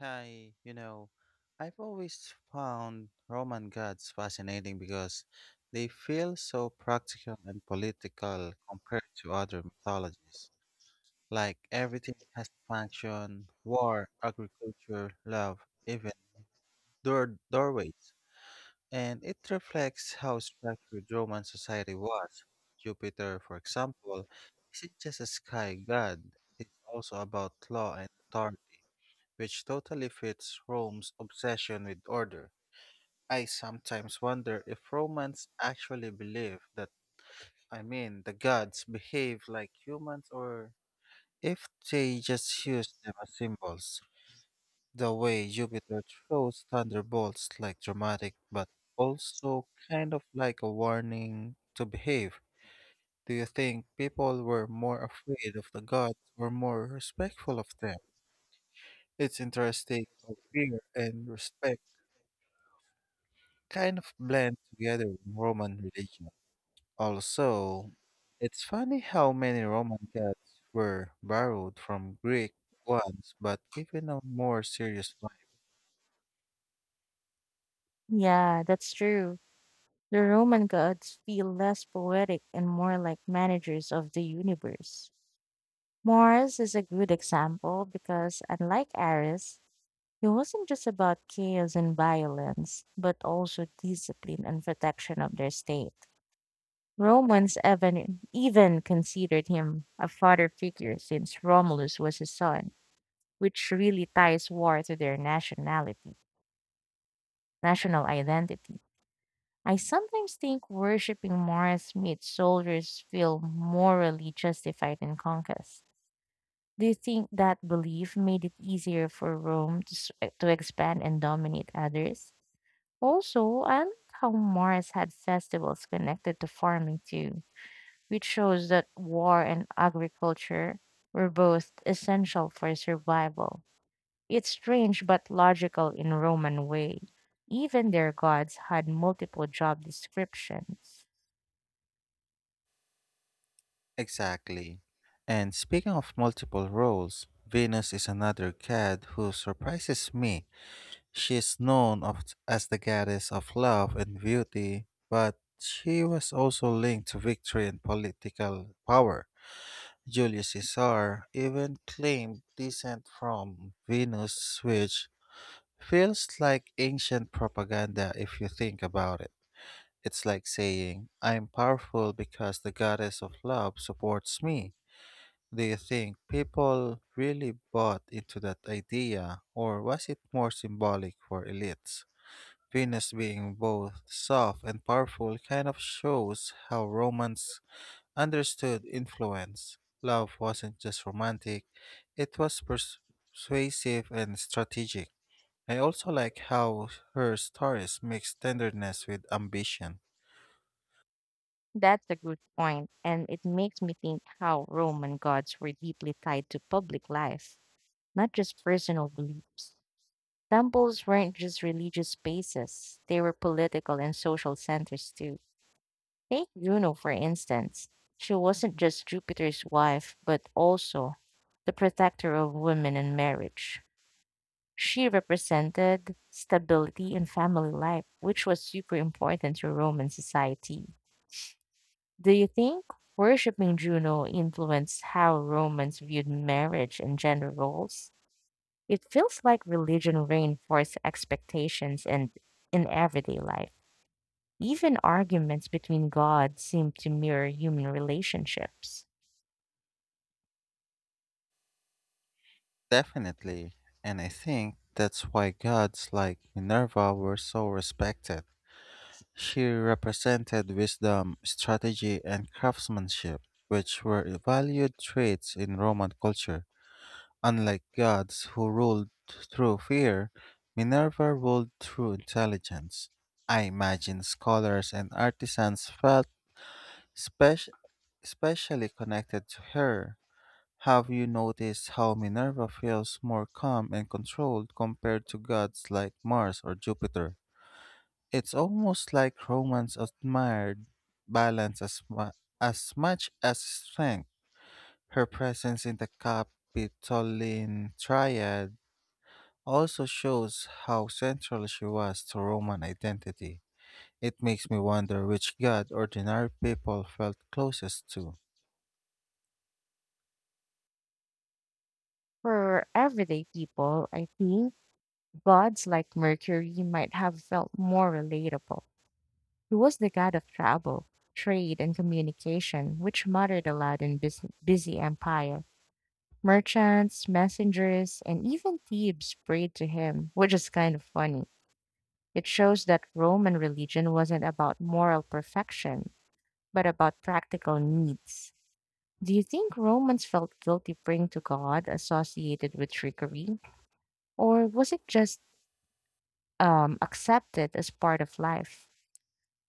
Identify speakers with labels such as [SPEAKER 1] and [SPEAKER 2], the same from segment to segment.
[SPEAKER 1] Hi, you know, I've always found Roman gods fascinating because they feel so practical and political compared to other mythologies. Like everything has a function, war, agriculture, love, even doorways. And it reflects how structured Roman society was. Jupiter, for example, isn't just a sky god, it's also about law and authority which totally fits Rome's obsession with order. I sometimes wonder if Romans actually believe that, I mean, the gods behave like humans or if they just use them as symbols. The way Jupiter throws thunderbolts like dramatic, but also kind of like a warning to behave. Do you think people were more afraid of the gods or more respectful of them? It's interesting how fear and respect kind of blend together in Roman religion. Also, it's funny how many Roman gods were borrowed from Greek ones but given a more serious vibe.
[SPEAKER 2] Yeah, that's true. The Roman gods feel less poetic and more like managers of the universe. Mars is a good example because, unlike Ares, he wasn't just about chaos and violence, but also discipline and protection of their state. Romans even considered him a father figure since Romulus was his son, which really ties war to their national identity. I sometimes think worshiping Mars made soldiers feel morally justified in conquest. Do you think that belief made it easier for Rome to expand and dominate others? Also, I like how Mars had festivals connected to farming too, which shows that war and agriculture were both essential for survival. It's strange but logical in Roman way. Even their gods had multiple job descriptions.
[SPEAKER 1] Exactly. And speaking of multiple roles, Venus is another god who surprises me. She is known of, as the goddess of love and beauty, but she was also linked to victory and political power. Julius Caesar even claimed descent from Venus, which feels like ancient propaganda if you think about it. It's like saying, I'm powerful because the goddess of love supports me. Do you think people really bought into that idea, or was it more symbolic for elites? Venus being both soft and powerful kind of shows how Romans understood influence. Love wasn't just romantic, it was persuasive and strategic. I also like how her stories mix tenderness with ambition.
[SPEAKER 2] That's a good point, and it makes me think how Roman gods were deeply tied to public life, not just personal beliefs. Temples weren't just religious spaces, they were political and social centers too. Take Juno, for instance. She wasn't just Jupiter's wife, but also the protector of women and marriage. She represented stability in family life, which was super important to Roman society. Do you think worshipping Juno influenced how Romans viewed marriage and gender roles? It feels like religion reinforced expectations and in everyday life. Even arguments between gods seem to mirror human relationships.
[SPEAKER 1] Definitely, and I think that's why gods like Minerva were so respected. She represented wisdom, strategy, and craftsmanship, which were valued traits in Roman culture. Unlike gods who ruled through fear, Minerva ruled through intelligence. I imagine scholars and artisans felt spec- especially connected to her. Have you noticed how Minerva feels more calm and controlled compared to gods like Mars or Jupiter? It's almost like Romans admired balance as much as strength. Her presence in the Capitoline Triad also shows how central she was to Roman identity. It makes me wonder which god ordinary people felt closest to.
[SPEAKER 2] For everyday people, I think gods like Mercury might have felt more relatable. He was the god of travel, trade, and communication, which muttered aloud in busy empire. Merchants, messengers, and even thieves prayed to him, which is kind of funny. It shows that Roman religion wasn't about moral perfection, but about practical needs. Do you think Romans felt guilty praying to God associated with trickery? Or was it just accepted as part of life?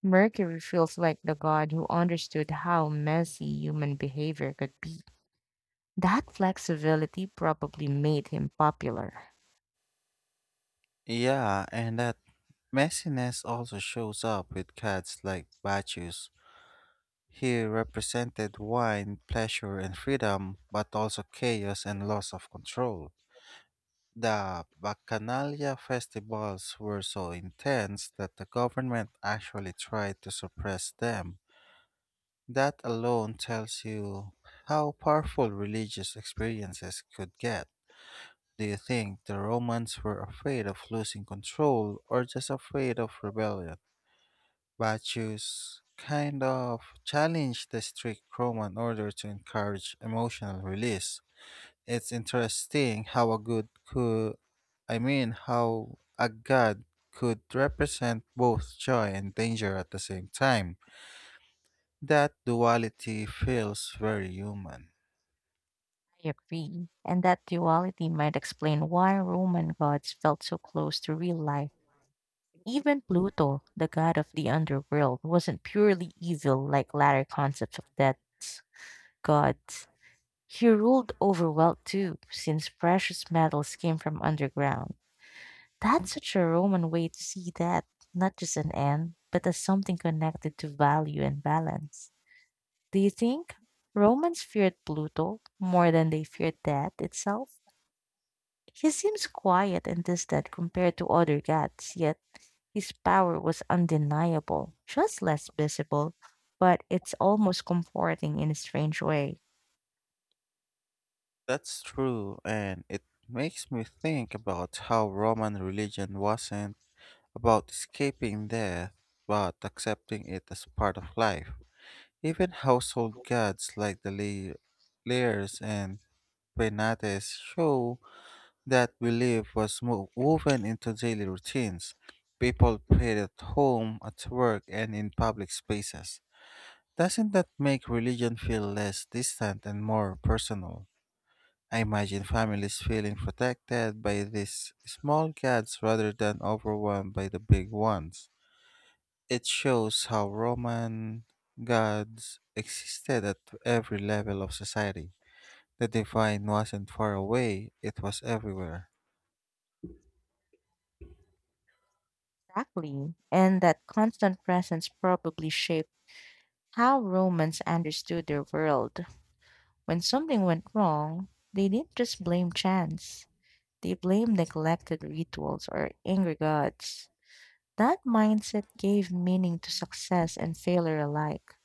[SPEAKER 2] Mercury feels like the god who understood how messy human behavior could be. That flexibility probably made him popular.
[SPEAKER 1] Yeah, and that messiness also shows up with gods like Bacchus. He represented wine, pleasure, and freedom, but also chaos and loss of control. The Bacchanalia festivals were so intense that the government actually tried to suppress them. That alone tells you how powerful religious experiences could get. Do you think the Romans were afraid of losing control or just afraid of rebellion? Bacchus kind of challenged the strict Roman order to encourage emotional release. It's interesting how a good could, I mean, how a god could represent both joy and danger at the same time. That duality feels very human.
[SPEAKER 2] I agree. And that duality might explain why Roman gods felt so close to real life. Even Pluto, the god of the underworld, wasn't purely evil like latter concepts of dead gods. He ruled over wealth too, since precious metals came from underground. That's such a Roman way to see that, not just an end, but as something connected to value and balance. Do you think Romans feared Pluto more than they feared death itself? He seems quiet and distant compared to other gods, yet his power was undeniable, just less visible, but it's almost comforting in a strange way.
[SPEAKER 1] That's true, and it makes me think about how Roman religion wasn't about escaping death, but accepting it as part of life. Even household gods like the Lyres and Penates show that belief was woven into daily routines. People prayed at home, at work, and in public spaces. Doesn't that make religion feel less distant and more personal? I imagine families feeling protected by these small gods rather than overwhelmed by the big ones. It shows how Roman gods existed at every level of society. The divine wasn't far away, it was everywhere.
[SPEAKER 2] Exactly. And that constant presence probably shaped how Romans understood their world. When something went wrong, they didn't just blame chance. They blamed neglected rituals or angry gods. That mindset gave meaning to success and failure alike.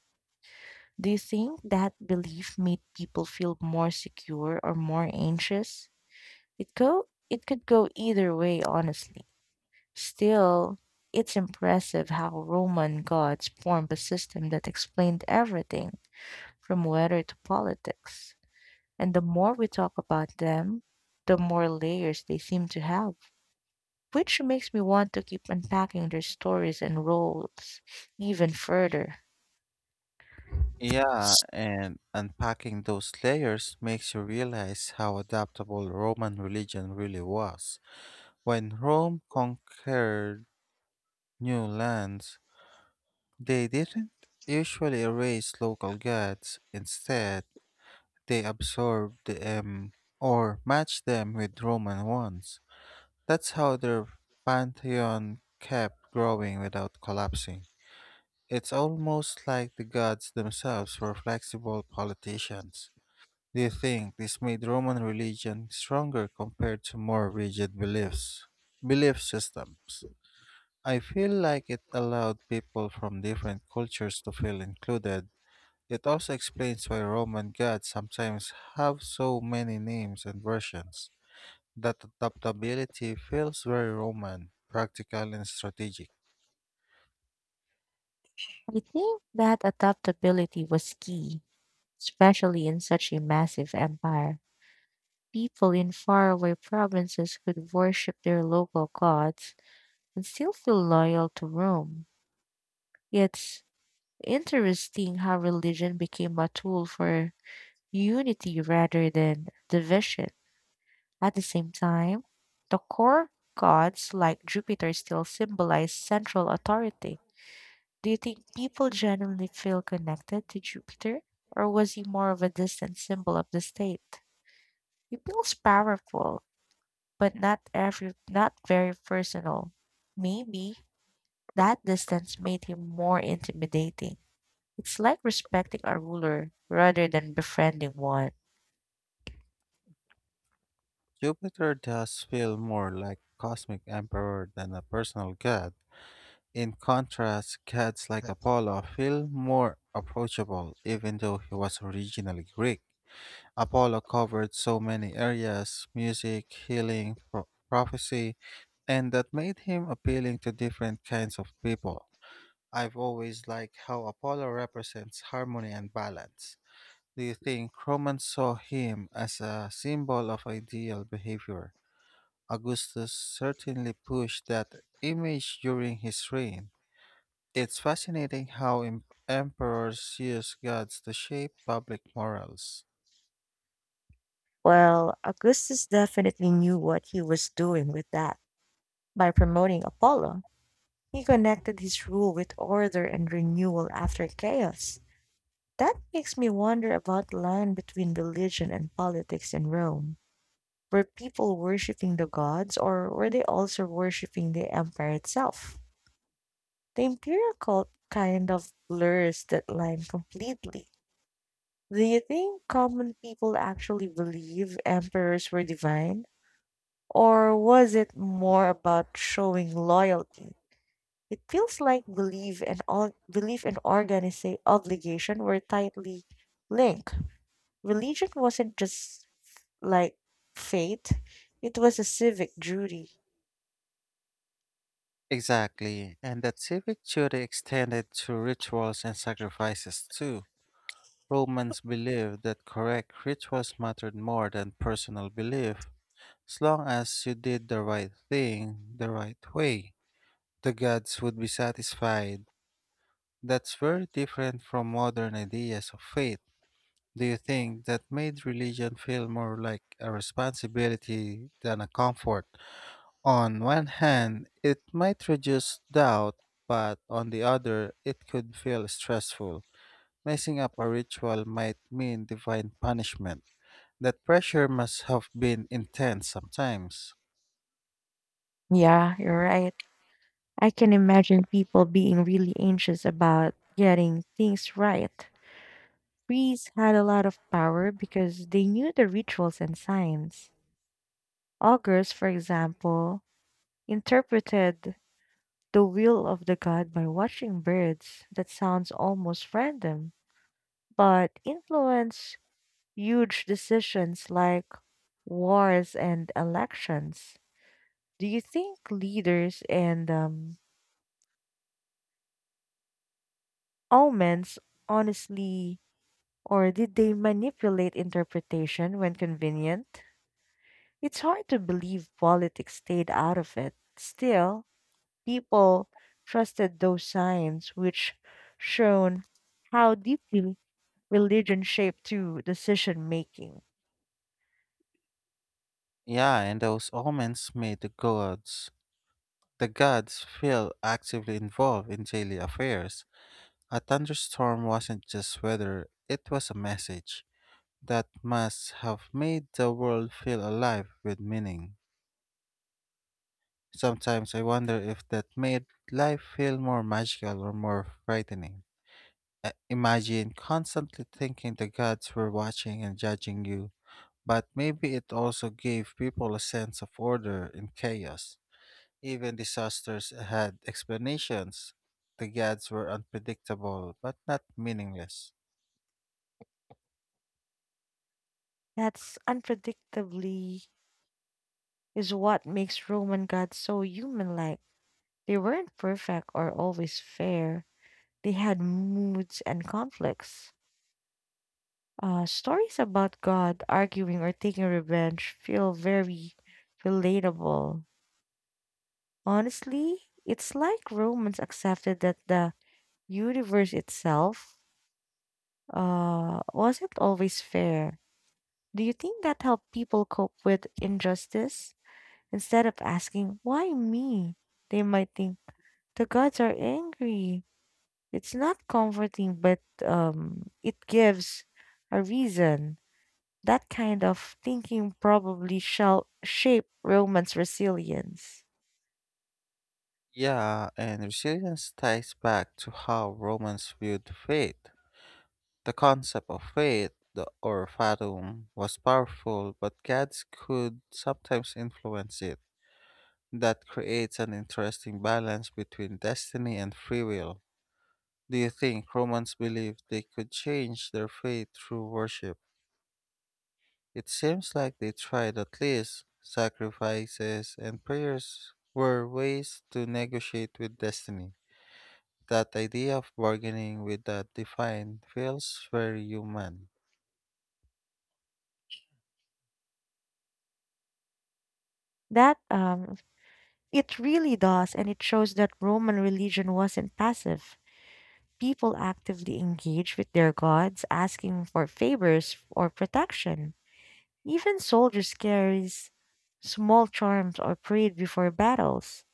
[SPEAKER 2] Do you think that belief made people feel more secure or more anxious? It could go either way, honestly. Still, it's impressive how Roman gods formed a system that explained everything from weather to politics. And the more we talk about them, the more layers they seem to have, which makes me want to keep unpacking their stories and roles even further.
[SPEAKER 1] Yeah, and unpacking those layers makes you realize how adaptable Roman religion really was. When Rome conquered new lands, they didn't usually erase local gods. Instead, they absorbed them or matched them with Roman ones. That's how their pantheon kept growing without collapsing. It's almost like the gods themselves were flexible politicians. Do you think this made Roman religion stronger compared to more rigid beliefs? Belief systems. I feel like it allowed people from different cultures to feel included, it also explains why Roman gods sometimes have so many names and versions. That adaptability feels very Roman, practical and strategic.
[SPEAKER 2] I think that adaptability was key. Especially in such a massive empire, people in faraway provinces could worship their local gods and still feel loyal to Rome. It's interesting how religion became a tool for unity rather than division. At the same time, the core gods like Jupiter still symbolize central authority. Do you think people genuinely feel connected to Jupiter, or was he more of a distant symbol of the state? It feels powerful, but not very personal. Maybe that distance made him more intimidating. It's like respecting a ruler rather than befriending one.
[SPEAKER 1] Jupiter does feel more like cosmic emperor than a personal god. In contrast, gods like Apollo feel more approachable even though he was originally Greek. Apollo covered so many areas music, healing, prophecy, and that made him appealing to different kinds of people. I've always liked how Apollo represents harmony and balance. Do you think Romans saw him as a symbol of ideal behavior? Augustus certainly pushed that image during his reign. It's fascinating how emperors use gods to shape public morals.
[SPEAKER 2] Well, Augustus definitely knew what he was doing with that. By promoting Apollo, he connected his rule with order and renewal after chaos. That makes me wonder about the line between religion and politics in Rome. Were people worshipping the gods or were they also worshipping the empire itself? The imperial cult kind of blurs that line completely. Do you think common people actually believe emperors were divine? Or was it more about showing loyalty? It feels like belief and organization obligation were tightly linked. Religion wasn't just like faith; it was a civic duty.
[SPEAKER 1] Exactly, and that civic duty extended to rituals and sacrifices too. Romans believed that correct rituals mattered more than personal belief. As long as you did the right thing the right way, the gods would be satisfied. That's very different from modern ideas of faith. Do you think that made religion feel more like a responsibility than a comfort? On one hand, it might reduce doubt, but on the other, it could feel stressful. Messing up a ritual might mean divine punishment. That pressure must have been intense sometimes.
[SPEAKER 2] Yeah, you're right. I can imagine people being really anxious about getting things right. Priests had a lot of power because they knew the rituals and signs. Augurs, for example, interpreted the will of the god by watching birds. That sounds almost random, but influenced huge decisions like wars and elections. Do you think leaders and omens honestly? Or did they manipulate interpretation when convenient? It's hard to believe politics stayed out of it. Still, people trusted those signs, which shown how deeply religion shaped to decision making.
[SPEAKER 1] Yeah, and those omens made the gods. The gods feel actively involved in daily affairs. A thunderstorm wasn't just weather, it was a message that must have made the world feel alive with meaning. Sometimes I wonder if that made life feel more magical or more frightening. I imagine constantly thinking the gods were watching and judging you, but maybe it also gave people a sense of order in chaos. Even disasters had explanations. The gods were unpredictable, but not meaningless.
[SPEAKER 2] That's unpredictably is what makes Roman gods so human like. They weren't perfect or always fair. They had moods and conflicts. Stories about God arguing or taking revenge feel very relatable. Honestly, it's like Romans accepted that the universe itself wasn't always fair. Do you think that helped people cope with injustice? Instead of asking, why me? They might think, the gods are angry. It's not comforting, but it gives a reason. That kind of thinking probably shall shape Roman's resilience.
[SPEAKER 1] Yeah, and resilience ties back to how Romans viewed fate. The concept of fate the, or fatum was powerful, but gods could sometimes influence it. That creates an interesting balance between destiny and free will. Do you think Romans believed they could change their fate through worship? It seems like they tried at least. Sacrifices and prayers were ways to negotiate with destiny. That idea of bargaining with that divine feels very human.
[SPEAKER 2] That it really does, and it shows that Roman religion wasn't passive. People actively engaged with their gods, asking for favors or protection. Even soldiers carries small charms or prayed before battles.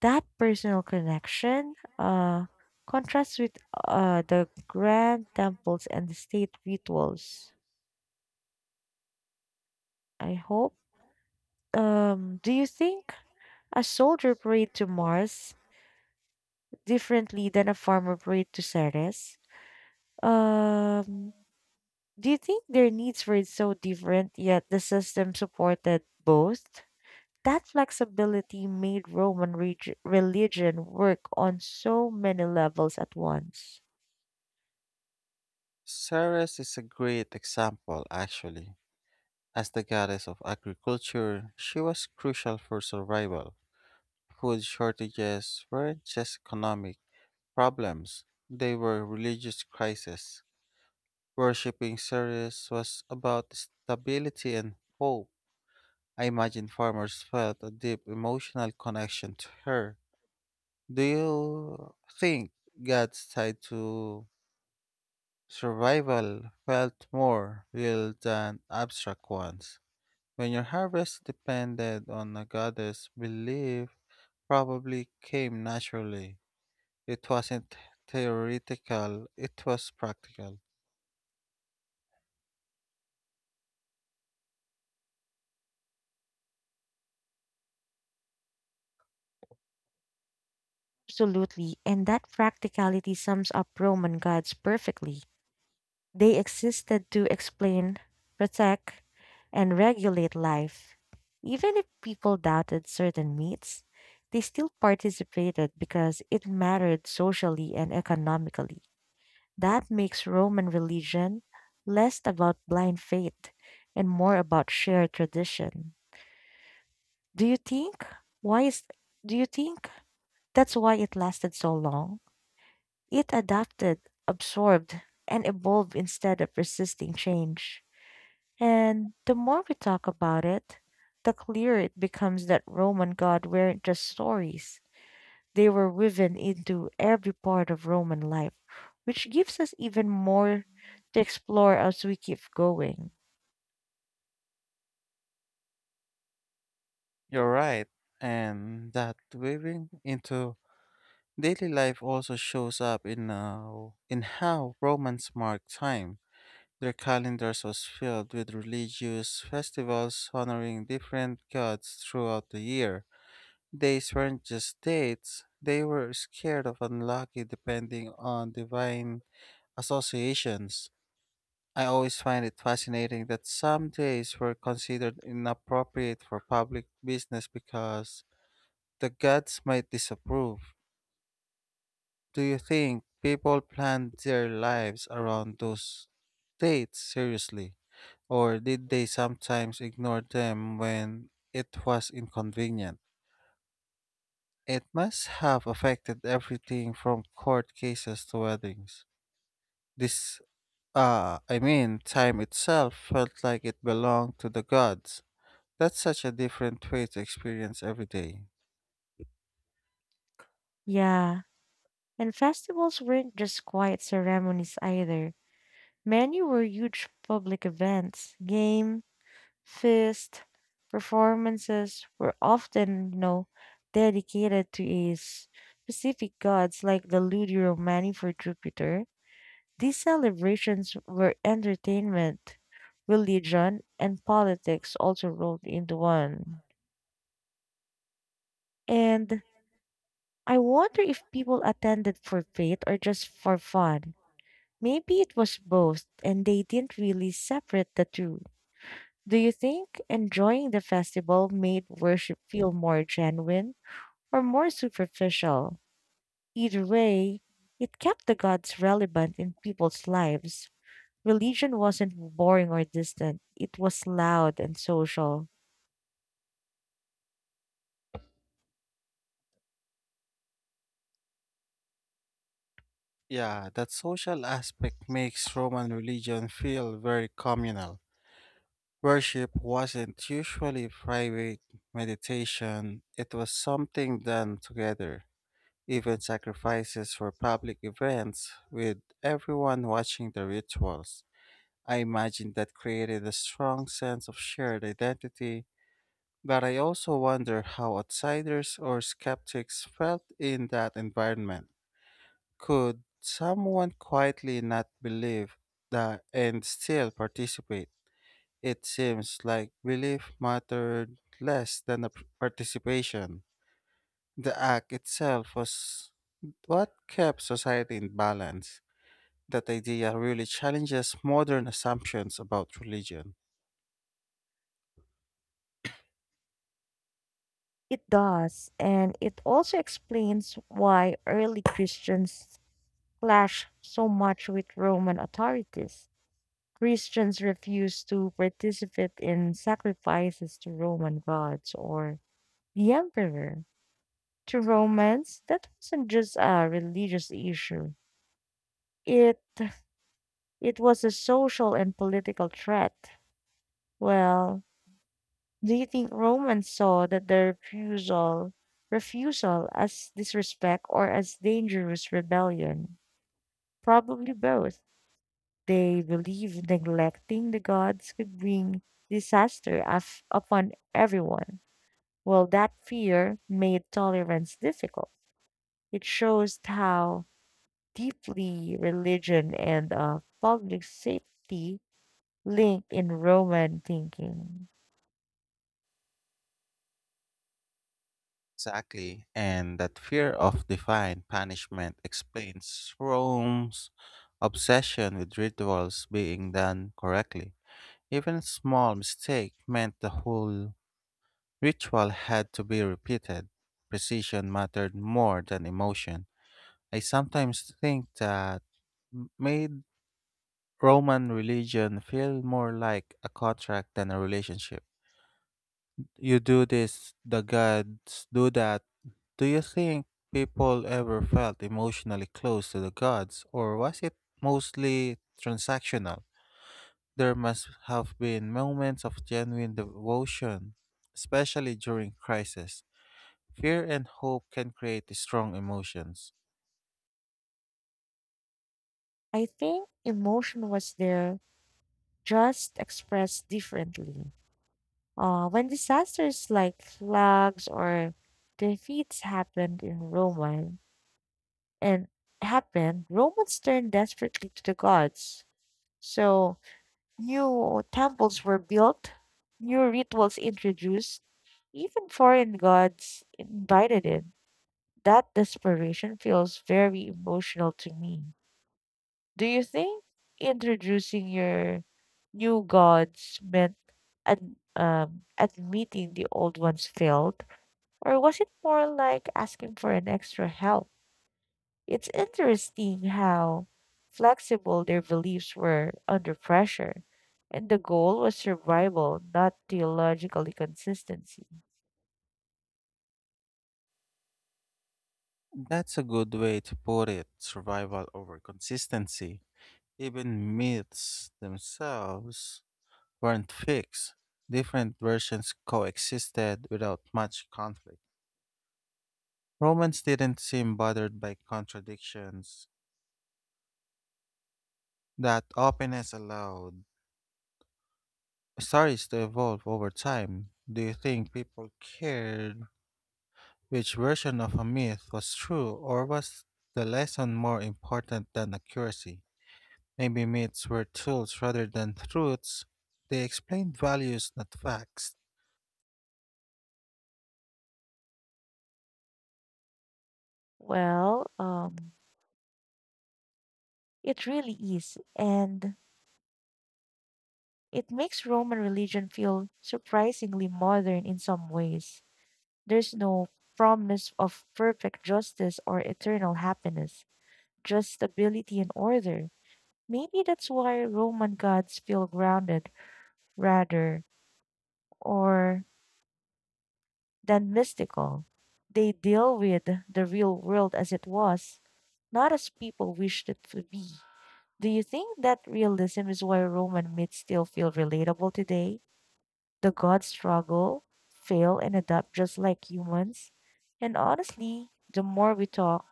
[SPEAKER 2] That personal connection, uh, contrasts with the grand temples and the state rituals. I hope do you think a soldier prayed to Mars differently than a farmer prayed to Ceres? Um, do you think their needs were so different yet the system supported both? That flexibility made Roman religion work on so many levels at once.
[SPEAKER 1] Ceres is a great example, actually. As the goddess of agriculture, she was crucial for survival. Food shortages weren't just economic problems, they were religious crises. Worshipping Ceres was about stability and hope. I imagine farmers felt a deep emotional connection to her. Do you think God's tied to survival felt more real than abstract ones? When your harvest depended on a goddess belief, probably came naturally. It wasn't theoretical, it was practical.
[SPEAKER 2] Absolutely, and that practicality sums up Roman gods perfectly. They existed to explain, protect, and regulate life. Even if people doubted certain myths, they still participated because it mattered socially and economically. That makes Roman religion less about blind faith and more about shared tradition. Do you think? Why is do you think that's why it lasted so long? It adapted, absorbed, and evolved instead of resisting change. And the more we talk about it, the clearer it becomes that Roman gods weren't just stories. They were woven into every part of Roman life, which gives us even more to explore as we keep going.
[SPEAKER 1] You're right, and that weaving into daily life also shows up in how Romans marked time. Their calendars was filled with religious festivals honoring different gods throughout the year. These weren't just dates, they were scared of unlucky depending on divine associations. I always find it fascinating that some days were considered inappropriate for public business because the gods might disapprove. Do you think people planned their lives around those dates seriously, or did they sometimes ignore them when it was inconvenient? It must have affected everything from court cases to weddings. This, Time itself felt like it belonged to the gods. That's such a different way to experience every day.
[SPEAKER 2] Yeah, and festivals weren't just quiet ceremonies either. Many were huge public events, games, Fist performances were often, you know, dedicated to a specific gods like the Ludi Romani for Jupiter. These celebrations were entertainment, religion, and politics also rolled into one. And I wonder if people attended for faith or just for fun. Maybe it was both, and they didn't really separate the two. Do you think enjoying the festival made worship feel more genuine or more superficial? Either way, it kept the gods relevant in people's lives. Religion wasn't boring or distant, it was loud and social.
[SPEAKER 1] Yeah, that social aspect makes Roman religion feel very communal. Worship wasn't usually private meditation, it was something done together. Even sacrifices were public events, with everyone watching the rituals. I imagine that created a strong sense of shared identity, but I also wonder how outsiders or skeptics felt in that environment. Could someone quietly not believe that and still participate? It seems like belief mattered less than the participation. The act itself was what kept society in balance. That idea really challenges modern assumptions about religion.
[SPEAKER 2] It does, and it also explains why early Christians clashed so much with Roman authorities. Christians refused to participate in sacrifices to Roman gods or the emperor to Romans, that wasn't just a religious issue, it it was a social and political threat. Well, do you think romans saw that their refusal as disrespect or as dangerous rebellion? Probably both. They believed neglecting the gods could bring disaster upon everyone. Well, that fear made tolerance difficult. It shows how deeply religion and public safety linked in Roman thinking.
[SPEAKER 1] Exactly. And that fear of divine punishment explains Rome's obsession with rituals being done correctly. Even a small mistake meant the whole ritual had to be repeated. Precision mattered more than emotion. I sometimes think that made Roman religion feel more like a contract than a relationship. You do this, the gods do that. Do you think people ever felt emotionally close to the gods, or was it mostly transactional? There must have been moments of genuine devotion, especially during crisis. Fear and hope can create strong emotions.
[SPEAKER 2] I think emotion was there, just expressed differently. When disasters like floods or defeats happened in Roman and happened, Romans turned desperately to the gods. So new temples were built, new rituals introduced, even foreign gods invited in. That desperation feels very emotional to me. Do you think introducing your new gods meant admitting the old ones failed? Or was it more like asking for an extra help? It's interesting how flexible their beliefs were under pressure, and the goal was survival, not theological consistency.
[SPEAKER 1] That's a good way to put it survival over consistency. Even myths themselves weren't fixed, different versions coexisted without much conflict. Romans didn't seem bothered by contradictions. That openness allowed stories to evolve over time. Do you think people cared which version of a myth was true, or was the lesson more important than accuracy? Maybe myths were tools rather than truths. They explained values, not facts.
[SPEAKER 2] Well, um, it really is. And it makes Roman religion feel surprisingly modern in some ways. There's no promise of perfect justice or eternal happiness, just stability and order. Maybe that's why Roman gods feel grounded rather or than mystical. They deal with the real world as it was, not as people wished it to be. Do you think that realism is why Roman myths still feel relatable today? The gods struggle, fail, and adapt just like humans. And honestly, the more we talk,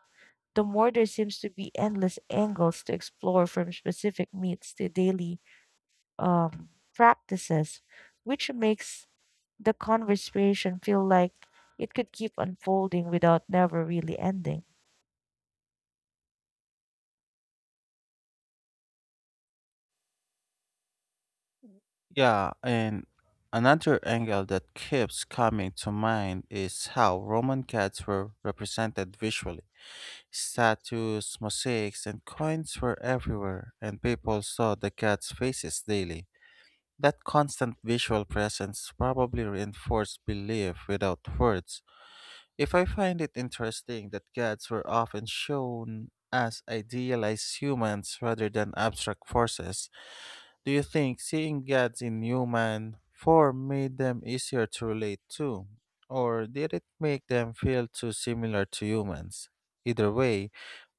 [SPEAKER 2] the more there seems to be endless angles to explore from specific myths to daily um, practices, which makes the conversation feel like it could keep unfolding without never really ending.
[SPEAKER 1] Yeah, and another angle that keeps coming to mind is how Roman cats were represented visually. Statues, mosaics, and coins were everywhere, and people saw the gods' faces daily. That constant visual presence probably reinforced belief without words. If I find it interesting that gods were often shown as idealized humans rather than abstract forces, do you think seeing gods in human form made them easier to relate to? Or did it make them feel too similar to humans? Either way,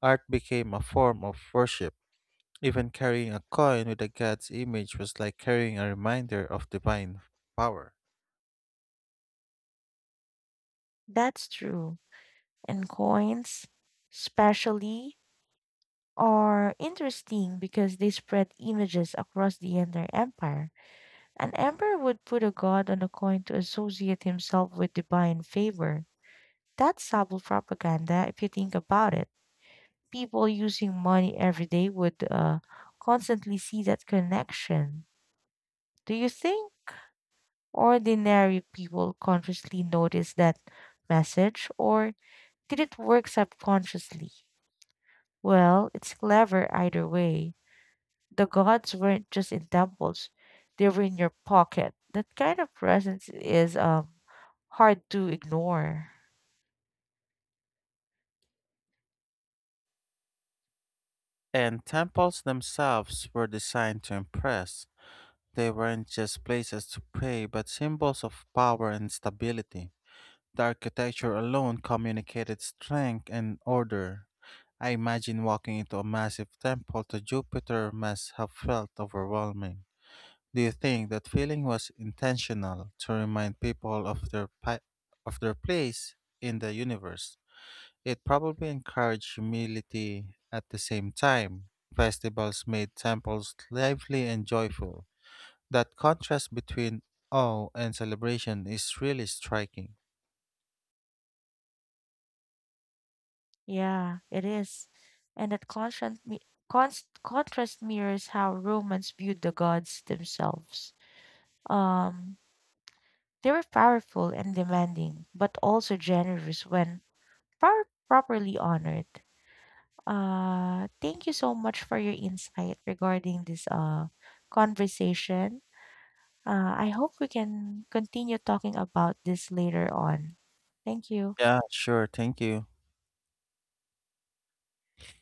[SPEAKER 1] art became a form of worship. Even carrying a coin with a god's image was like carrying a reminder of divine power.
[SPEAKER 2] That's true. And coins, especially, are interesting because they spread images across the entire empire. An emperor would put a god on a coin to associate himself with divine favor. That's subtle propaganda if you think about it. People using money every day would constantly see that connection. Do you think ordinary people consciously notice that message, or did it work subconsciously? Well, it's clever either way. The gods weren't just in temples, they were in your pocket. That kind of presence is hard to ignore.
[SPEAKER 1] And temples themselves were designed to impress. They weren't just places to pray, but symbols of power and stability. The architecture alone communicated strength and order. I imagine walking into a massive temple to Jupiter must have felt overwhelming. Do you think that feeling was intentional to remind people of their place in the universe? It probably encouraged humility at the same time. Festivals made temples lively and joyful. That contrast between awe and celebration is really striking.
[SPEAKER 2] Yeah, it is. And that contrast mirrors how Romans viewed the gods themselves. Um, they were powerful and demanding, but also generous when properly honored. Thank you so much for your insight regarding this conversation. I hope we can continue talking about this later on. Thank you.
[SPEAKER 1] Yeah, sure. Thank you.